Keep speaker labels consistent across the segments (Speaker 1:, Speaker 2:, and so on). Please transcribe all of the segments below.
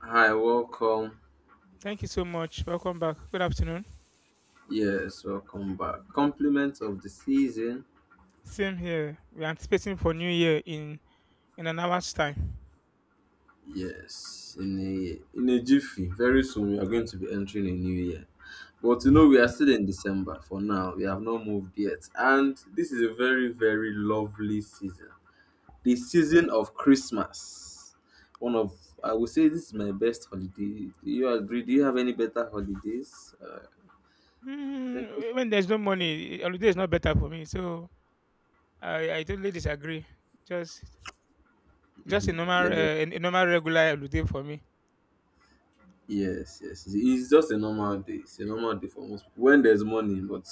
Speaker 1: Hi, welcome.
Speaker 2: Thank you so much. Welcome back. Good afternoon.
Speaker 1: Yes, welcome back. Compliments of the season.
Speaker 2: Same here. We're anticipating for New Year in an hour's time.
Speaker 1: Yes, in a jiffy. Very soon we are going to be entering a new year. But you know we are still in December for now. We have not moved yet, and this is a very very lovely season. The season of Christmas. One of I would say this is my best holiday. Do you agree? Do you have any better holidays? I think
Speaker 2: Mm,
Speaker 1: Christmas.
Speaker 2: when there's no money, holiday is not better for me. So I totally disagree. Just just
Speaker 1: Yeah,
Speaker 2: a normal regular holiday for me.
Speaker 1: yes, yes. It's just a normal day. It's a normal day for most people. When there's money, but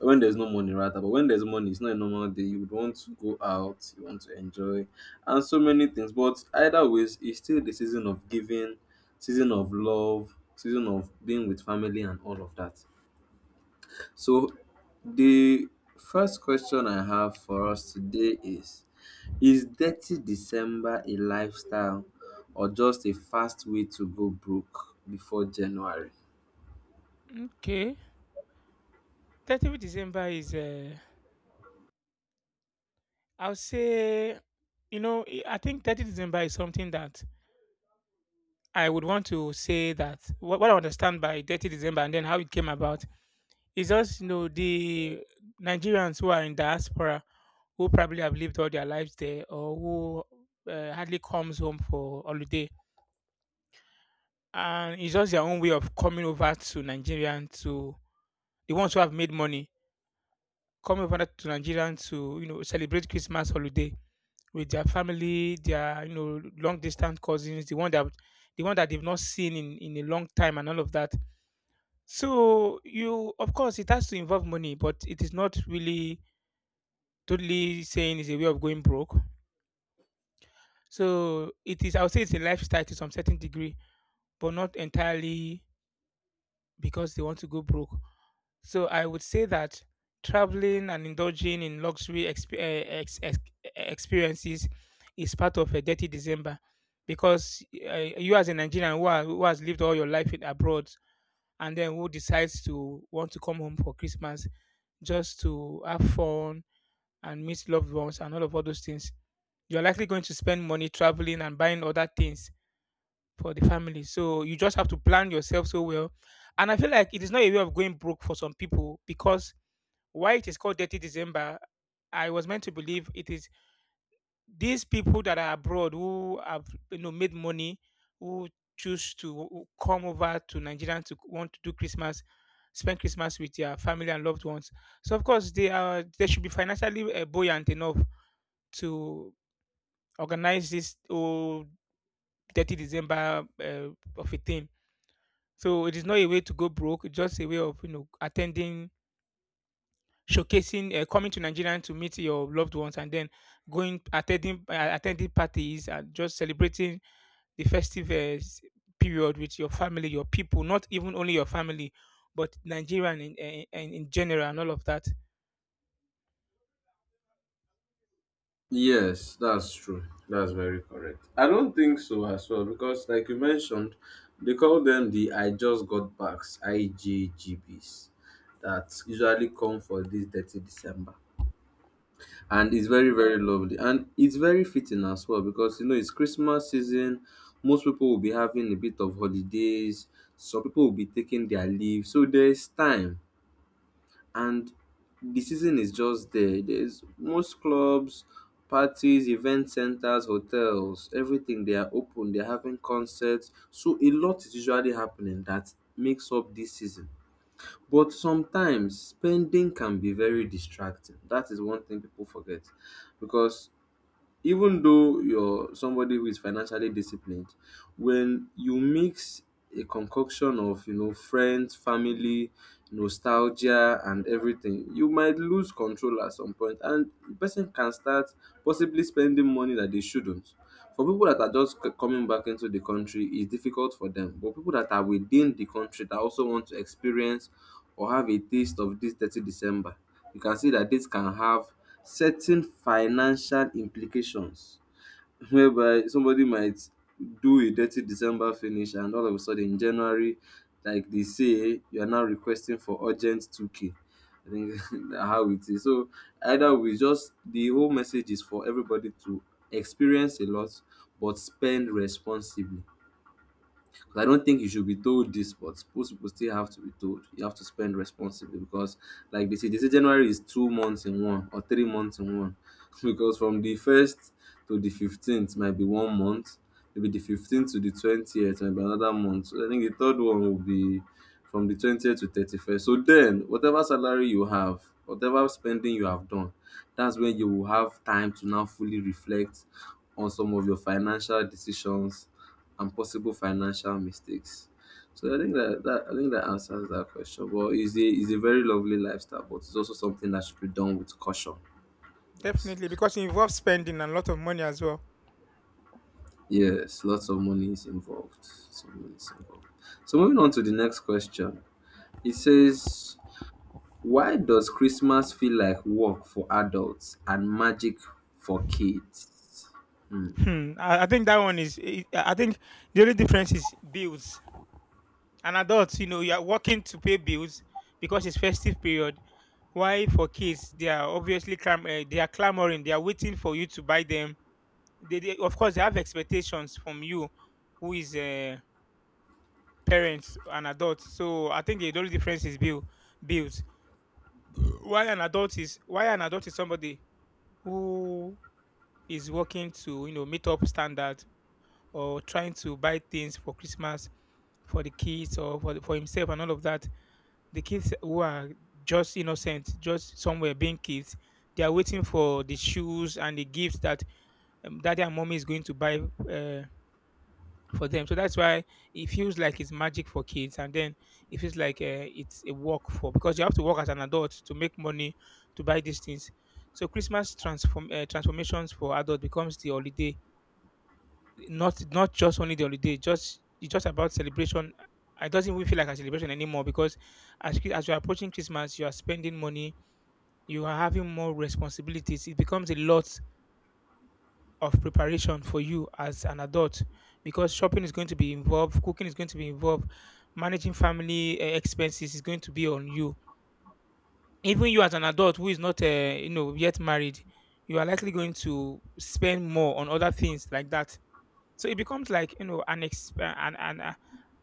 Speaker 1: when there's no money, rather, but when there's money, it's not a normal day. You would want to go out, you want to enjoy, and so many things. But either ways, it's still the season of giving, season of love, season of being with family, and all of that. So, the first question I have for us today is Dirty December a lifestyle or just a fast way to go broke before January?
Speaker 2: Okay. 30th December is I'll say I think 30th December is something that I would want to say that what I understand by 30th December, and then how it came about. It's just the Nigerians who are in diaspora, who probably have lived all their lives there, or who hardly comes home for holiday. And it's just their own way of coming over to Nigerian, to the ones who have made money, coming over to Nigerian to celebrate Christmas holiday with their family, their long distance cousins, the one that they've not seen in a long time, and all of that. So you, of course, it has to involve money, but it is not really totally saying is a way of going broke. So it is, I would say it's a lifestyle to some certain degree, but not entirely because they want to go broke. So I would say that traveling and indulging in luxury experiences is part of a dirty December, because you as a Nigerian who, are, who has lived all your life in abroad, and then who decides to want to come home for Christmas just to have fun and meet loved ones and all of all those things, you're likely going to spend money traveling and buying other things for the family. So you just have to plan yourself so well. And I feel like it is not a way of going broke for some people, because why it is called Dirty December, I was meant to believe it is these people that are abroad who have made money, who choose to come over to Nigeria to want to do Christmas, spend Christmas with their family and loved ones. So of course they should be financially buoyant enough to organize this 30th December of a thing. So it is not a way to go broke. It's just a way of attending, showcasing, coming to Nigeria to meet your loved ones, and then going attending attending parties and just celebrating the festive period with your family, your people. Not even only your family, but Nigerian in general, and all of that.
Speaker 1: Yes, that's true. That's very correct. I don't think so as well because, like you mentioned, they call them the I just got backs, IJGBs, that usually come for this Dirty December. And it's very very lovely, and it's very fitting as well, because you know it's Christmas season. Most people will be having a bit of holidays, some people will be taking their leave, so there's time. And the season is just there. There's most clubs, parties, event centers, hotels, everything. They are open, they're having concerts, so a lot is usually happening that makes up this season. But sometimes spending can be very distracting. That is one thing people forget, because even though you're somebody who is financially disciplined, when you mix a concoction of you know friends, family, nostalgia and everything, you might lose control at some point, and the person can start possibly spending money that they shouldn't. For people that are just coming back into the country, it's difficult for them. But people that are within the country that also want to experience or have a taste of this 30 December, you can see that this can have certain financial implications, whereby somebody might do a Dirty December finish, and all of a sudden January, like they say, you are now requesting for urgent 2k, I think. Na how it is. So either way, just the whole message is for everybody to experience a lot but spend responsibly. But I don't think you should be told this, but most people still have to be told. You have to spend responsibly because, like they say January is 2 months in 1 or 3 months in one, because from the first to the fifteenth might be 1 month, maybe the fifteenth to the 20th might be another month. So I think the third one will be from the 20th to 31st. So then, whatever salary you have, whatever spending you have done, that's when you will have time to now fully reflect on some of your financial decisions and possible financial mistakes. So I think that, I think that answers that question. Well, it's a very lovely lifestyle, but it's also something that should be done with caution. Yes,
Speaker 2: Definitely, because it involves spending a lot of money as well.
Speaker 1: yes, lots of money is involved. So money is involved. So moving on to the next question, it says, "Why does Christmas feel like work for adults and magic for kids?" Hmm.
Speaker 2: Hmm. I think that one is. I think the only difference is bills. An adult, you know, you are working to pay bills because it's festive period. Why for kids, they are obviously they are clamoring, they are waiting for you to buy them. They of course they have expectations from you, who is a parents an adult. So I think the only difference is bills. Why an adult is somebody who is working to meet up standard, or trying to buy things for Christmas for the kids, or for the, for himself, and all of that, the kids who are just innocent, just somewhere being kids, they are waiting for the shoes and the gifts that daddy and mommy is going to buy uh, for them. So that's why it feels like it's magic for kids, and then it feels like it's a work for because you have to work as an adult to make money to buy these things. So Christmas transformations for adult becomes the holiday, not just only the holiday, just it's just about celebration. I doesn't even feel like a celebration anymore because as you're approaching Christmas, you are spending money, you are having more responsibilities. It becomes a lot of preparation for you as an adult because shopping is going to be involved, cooking is going to be involved, managing family expenses is going to be on you. Even you as an adult who is not yet married, you are likely going to spend more on other things like that. So it becomes like you know an exp- and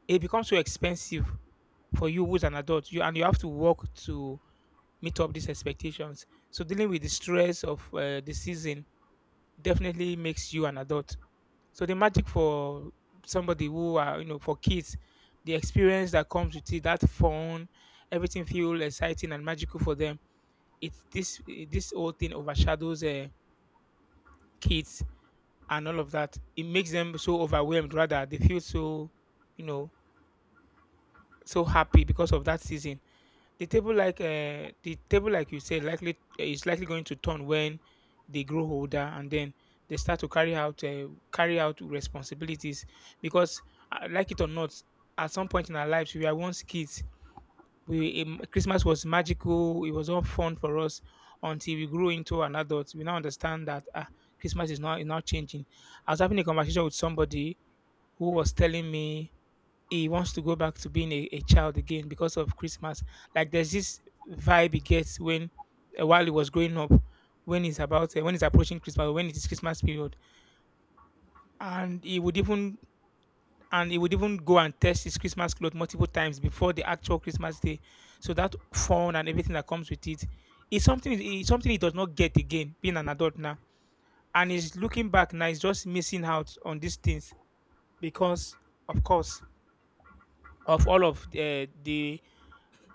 Speaker 2: it becomes so expensive for you who's an adult. You have to work to meet up these expectations. So dealing with the stress of the season definitely makes you an adult. So the magic for somebody who are for kids, the experience that comes with it, that fun, everything feels exciting and magical for them. It's this this whole thing overshadows kids and all of that, it makes them so overwhelmed. Rather, they feel so, you know, so happy because of that season. The table, like you said, likely going to turn when they grow older, and then they start to carry out responsibilities. Because, like it or not, at some point in our lives, we were once kids. We Christmas was magical. It was all fun for us until we grew into an adult. We now understand that Christmas is not changing. I was having a conversation with somebody who was telling me he wants to go back to being a child again because of Christmas. Like, there's this vibe he gets when while he was growing up, when he's approaching Christmas, when it is Christmas period, and he would even and he would even go and test his Christmas clothes multiple times before the actual Christmas day. So that fun and everything that comes with it is something he does not get again being an adult now, and he's looking back now. He's just missing out on these things because, of course, of all of the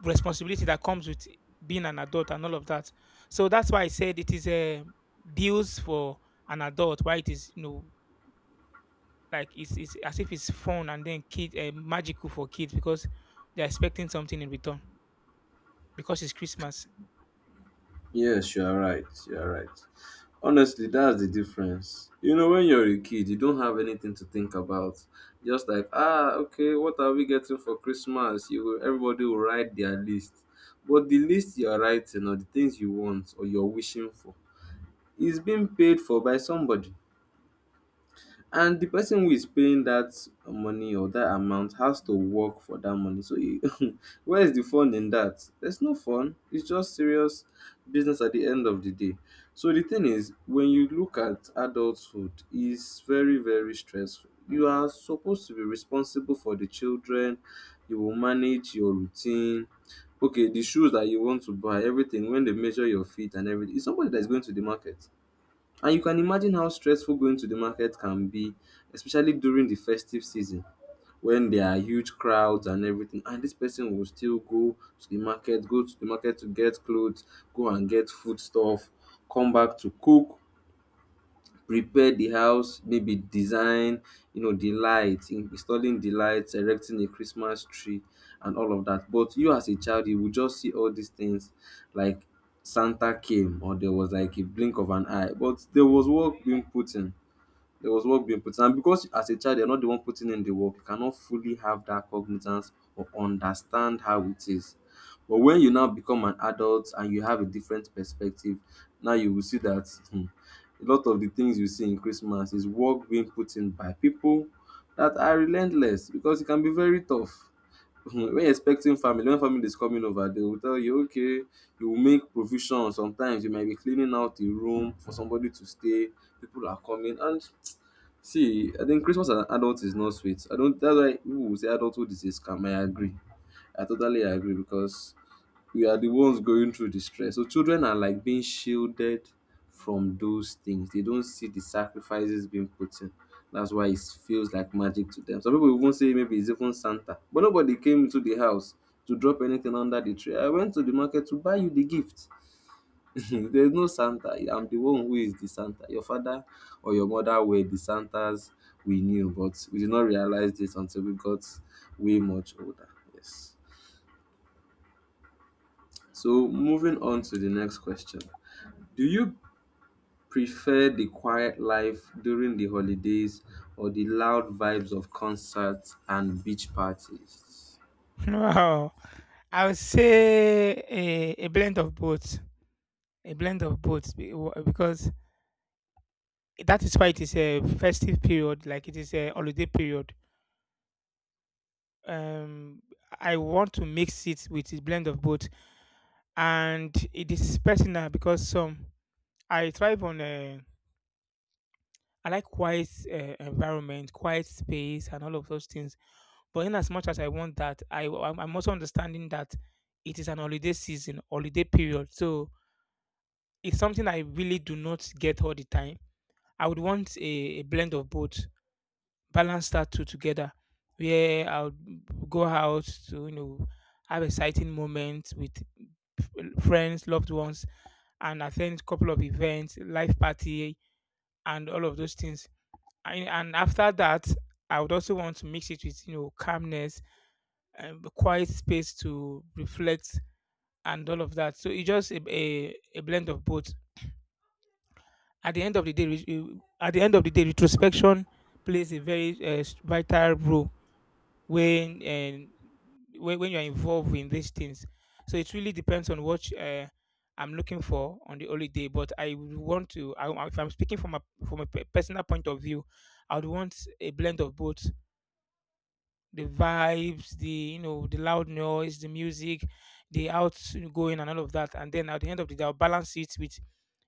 Speaker 2: responsibility that comes with being an adult and all of that. So that's why I said it is a deals for an adult. Why it is it's as if it's fun, and then kid magical for kids because they're expecting something in return because it's Christmas.
Speaker 1: Yes, you are right. You are right. Honestly, that's the difference. You know, when you're a kid, you don't have anything to think about. Just like, ah, okay, what are we getting for Christmas? You will, everybody will write their list. But the list you're writing or the things you want or you're wishing for is being paid for by somebody, and the person who is paying that money or that amount has to work for that money. So e, where is the fun in that? There's no fun, it's just serious business at the end of the day. So the thing is, when you look at adulthood, it's very very stressful. You are supposed to be responsible for the children, you will manage your routine. Okay, the shoes that you want to buy, everything, when they measure your feet and everything, it's somebody that's going to the market. And you can imagine how stressful going to the market can be, especially during the festive season when there are huge crowds and everything. And this person will still go to the market, go to the market to get clothes, go and get food stuff, come back to cook, repair the house, maybe design you know the lights, installing the lights, erecting a Christmas tree, and all of that. But you as a child, you will just see all these things like Santa came, or there was like a blink of an eye, but there was work being put in. There was work being put in. And because as a child you're not the one putting in the work, you cannot fully have that cognizance or understand how it is. But when you now become an adult and you have a different perspective, now you will see that hmm, a lot of the things you see in Christmas is work being put in by people that are relentless, because it can be very tough. When expecting family, when family is coming over, they will tell you, okay, you will make provision. Sometimes you might be cleaning out the room for somebody to stay, people are coming and see, I think Christmas as an adult is not sweet. I don't, that's why people will say adulthood is a scam. I agree, I totally agree, because we are the ones going through the stress. So children are like being shielded from those things. They don't see the sacrifices being put in. That's why it feels like magic to them. Some people even say maybe it's even Santa. But nobody came into the house to drop anything under the tree. I went to the market to buy you the gift. There's no Santa. I'm the one who is the Santa. Your father or your mother were the Santas we knew, but we did not realize this until we got way much older. Yes. So moving on to the next question. Do you prefer the quiet life during the holidays or the loud vibes of concerts and beach parties?
Speaker 2: Wow, I would say a blend of both, a blend of both because that is why it is a festive period, like it is a holiday period. um I want to mix it with a blend of both, and it is personal because some I thrive on I like quiet environment, quiet space, and all of those things. But in as much as I want that, I'm also understanding that it is an holiday season, holiday period, so it's something I really do not get all the time. I would want a blend of both, balance that two together, where I'll go out to have exciting moments with friends, loved ones, and attend couple of events, life party, and all of those things. And after that, I would also want to mix it with calmness and quiet space to reflect and all of that. So it's just a blend of both. At the end of the day, retrospection plays a very vital role when and when, you're involved in these things. So it really depends on what I'm looking for on the holiday. But I would want to, I, if I'm speaking from a personal point of view, I would want a blend of both, the vibes, the the loud noise, the music, the outgoing and all of that. And then at the end of the day, I'll balance it with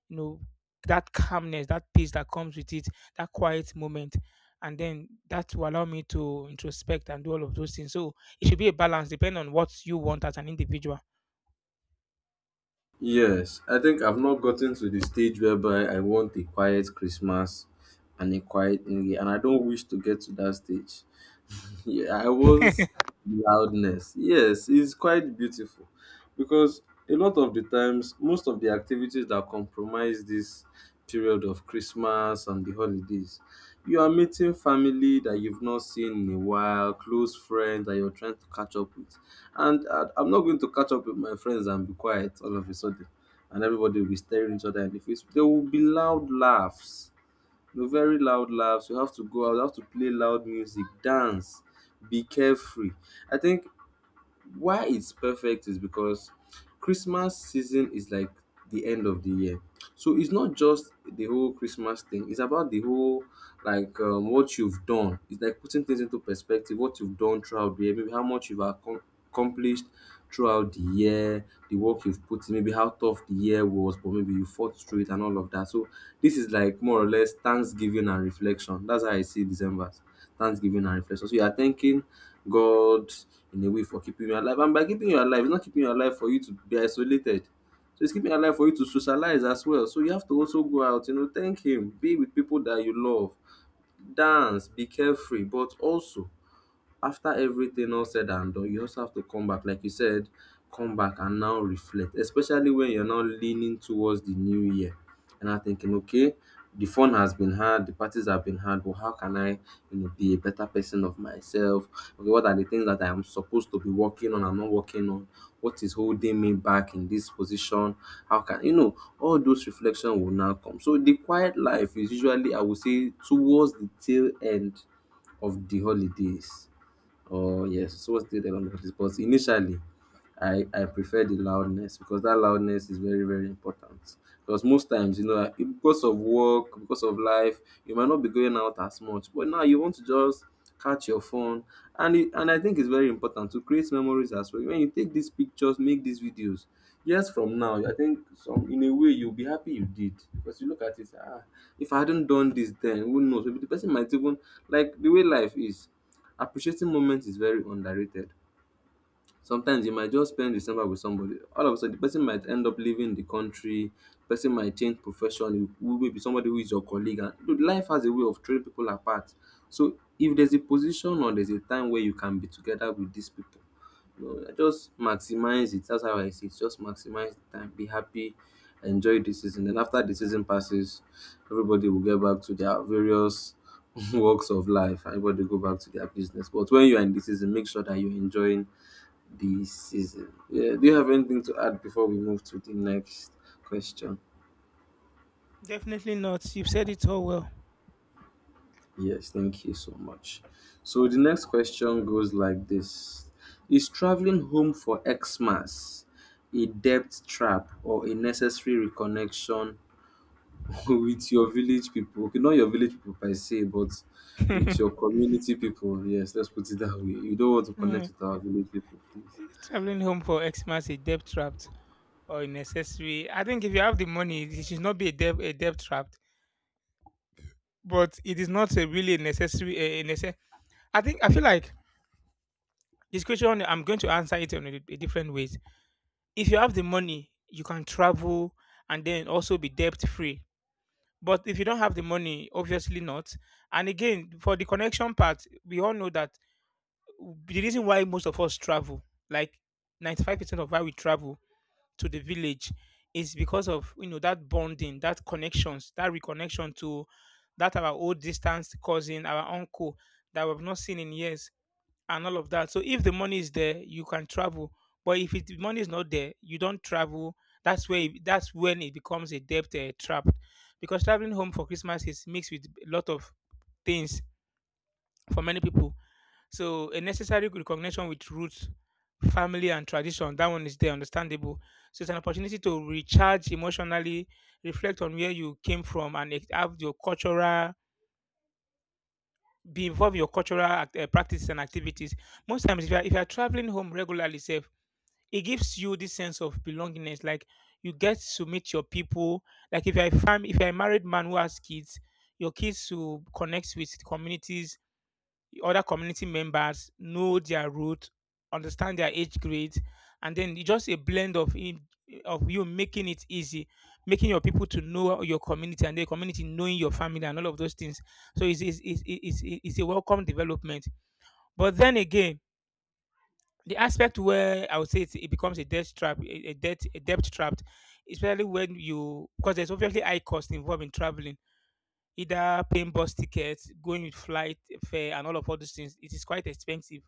Speaker 2: you know that calmness, that peace that comes with it, that quiet moment. And then that will allow me to introspect and do all of those things. So it should be a balance depending on what you want as an individual.
Speaker 1: Yes, I think I've not gotten to the stage whereby I want a quiet Christmas and a quiet New Year, and I don't wish to get to that stage. Yeah, I want loudness. Yes, it's quite beautiful, because a lot of the times, most of the activities that compromise this period of Christmas and the holidays, you are meeting family that you've not seen in a while, close friends that you're trying to catch up with. And I'm not going to catch up with my friends and be quiet all of a sudden, and everybody will be staring each other in the face. There will be loud laughs, no, very loud laughs. You have to go out. You have to play loud music, dance, be carefree. I think why it's perfect is because Christmas season is like the end of the year. So it's not just the whole Christmas thing, it's about the whole like what you've done. It's like putting things into perspective, what you've done throughout the year, maybe how much you've accomplished throughout the year, the work you've put in, maybe how tough the year was, but maybe you fought through it and all of that. So this is like more or less Thanksgiving and reflection. That's how I see December. Thanksgiving and reflection. So you are thanking God in a way for keeping you alive. And by keeping you alive, it's not keeping you alive for you to be isolated. So it's keeping you alive for you to socialize as well. So you have to also go out, you know, thank Him, be with people that you love, dance, be carefree, but also after everything all said and done, you also have to come back, like you said, come back and now reflect, especially when you're now leaning towards the new year and I'm thinking, okay, the fun has been had, the parties have been had, but how can I, you know, be a better person of myself? Okay, what are the things that I am supposed to be working on? I'm not working on. What is holding me back in this position? How can you know? All those reflections will now come. So the quiet life is usually, I would say, towards the tail end of the holidays. Oh yes, so what's the other one? Because initially, I prefer the loudness because that loudness is very very important. Because most times you know because of work, because of life, you might not be going out as much, but now you want to just catch your phone and I think it's very important to create memories as well. When you take these pictures, make these videos, years from now, I think some in a way you'll be happy you did because you look at it. Ah, if I hadn't done this, then who knows? Maybe the person might even like the way life is. Appreciating moments is very underrated. Sometimes you might just spend December with somebody. All of a sudden, the person might end up leaving the country. The person might change profession. You who may be somebody who is your colleague. And you life has a way of throwing people apart. So if there's a position or there's a time where you can be together with these people, you know, just maximize it. That's how I see it. Just maximize the time. Be happy. Enjoy the season. Then after the season passes, everybody will get back to their various walks of life. Everybody go back to their business. But when you are in the season, make sure that you're enjoying this season. Yeah, do you have anything to add before we move to the next question?
Speaker 2: Definitely not. You've said it all well.
Speaker 1: Yes, thank you so much. So the next question goes like this: is traveling home for Xmas a debt trap or a necessary reconnection with your village people? Okay, not your village people per se, but with your community people. Yes, let's put it that way. You don't want to
Speaker 2: Mm.
Speaker 1: connect with our village people, please.
Speaker 2: Traveling home for Xmas is debt trapped or unnecessary. I think if you have the money, it should not be a debt trap. But it is not a really necessary. I think I feel like this question I'm going to answer it in a different ways. If you have the money, you can travel and then also be debt free. But if you don't have the money, obviously not. And again, for the connection part, we all know that the reason why most of us travel, like 95% of why we travel, to the village, is because of that bonding, that connections, that reconnection to that our old distance cousin, our uncle that we've not seen in years, and all of that. So if the money is there, you can travel. But if it, the money is not there, you don't travel. That's when it becomes a debt trap, because traveling home for Christmas is mixed with a lot of things for many people. So a necessary recognition with roots, family, and tradition, that one is there, understandable. So it's an opportunity to recharge emotionally, reflect on where you came from, and have your cultural, be involved in your cultural practices and activities. Most times, if you are traveling home regularly, safe, it gives you this sense of belongingness. Like, you get to meet your people. Like, if you're a if you're a married man who has kids, your kids to connect with communities, other community members, know their route, understand their age grades, and then it's just a blend of of you making it easy, making your people to know your community and their community knowing your family and all of those things. So it's a welcome development. But then again, the aspect where I would say it becomes a debt trap, a debt trap, especially when you, because there's obviously high cost involved in traveling, either paying bus tickets, going with flight fare, and all of all those things. It is quite expensive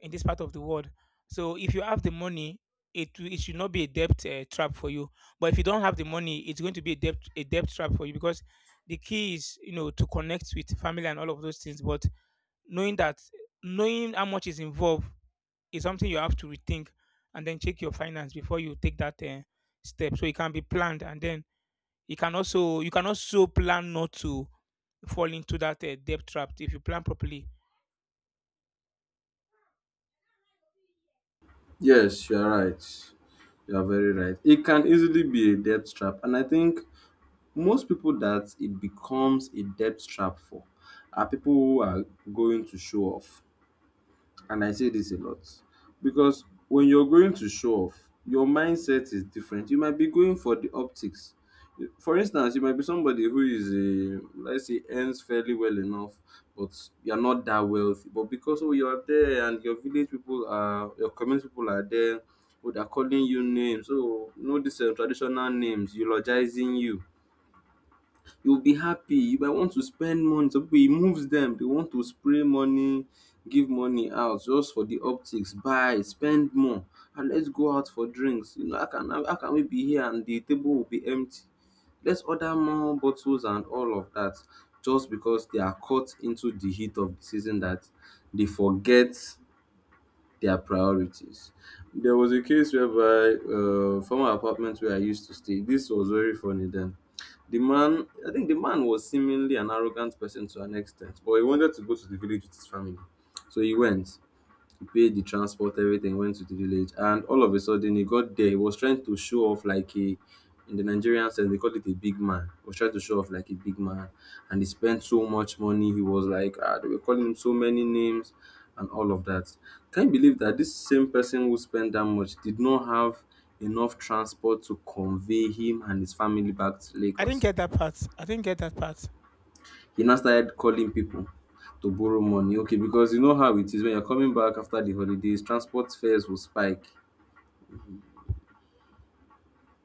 Speaker 2: in this part of the world. So if you have the money, it should not be a debt trap for you. But if you don't have the money, it's going to be a debt trap for you because the key is to connect with family and all of those things. But knowing that knowing how much is involved is something you have to rethink and then check your finance before you take that step. So it can be planned, and then you can also plan not to fall into that debt trap if you plan properly.
Speaker 1: Yes, you're right. You're very right. It can easily be a debt trap. And I think most people that it becomes a debt trap for are people who are going to show off, and I say this a lot because when you're going to show off, your mindset is different. You might be going for the optics. For instance, you might be somebody who is a, let's say, earns fairly well enough, but you're not that wealthy. But because oh you're there and your village people are, your community people are there, oh they're calling you names. So, you know these traditional names, eulogizing you, you'll be happy, you might want to spend money, some people e moves dem dey want to spray money, give money out just for the optics, buy, spend more, and let's go out for drinks. You know, how can we be here and the table will be empty, let's order more bottles and all of that, just because they are caught into the heat of the season that they forget their priorities. There was a case whereby from former apartment where I used to stay. This was very funny then. The man, I think the man was seemingly an arrogant person to an extent, but he wanted to go to the village with his family, so he went. He paid the transport, everything, went to the village, and all of a sudden he got there. He was trying to show off like a, in the Nigerian sense, they call it a big man. He was trying to show off like a big man, and he spent so much money. He was like, ah, they were calling him so many names, and all of that. Can you believe that this same person who spent that much did not have enough transport to convey him and his family back to
Speaker 2: I didn't
Speaker 1: Lagos?
Speaker 2: get that part. I didn't get that part.
Speaker 1: He now started calling people to borrow money. Okay, because you know how it is when you're coming back after the holidays, transport fares will spike.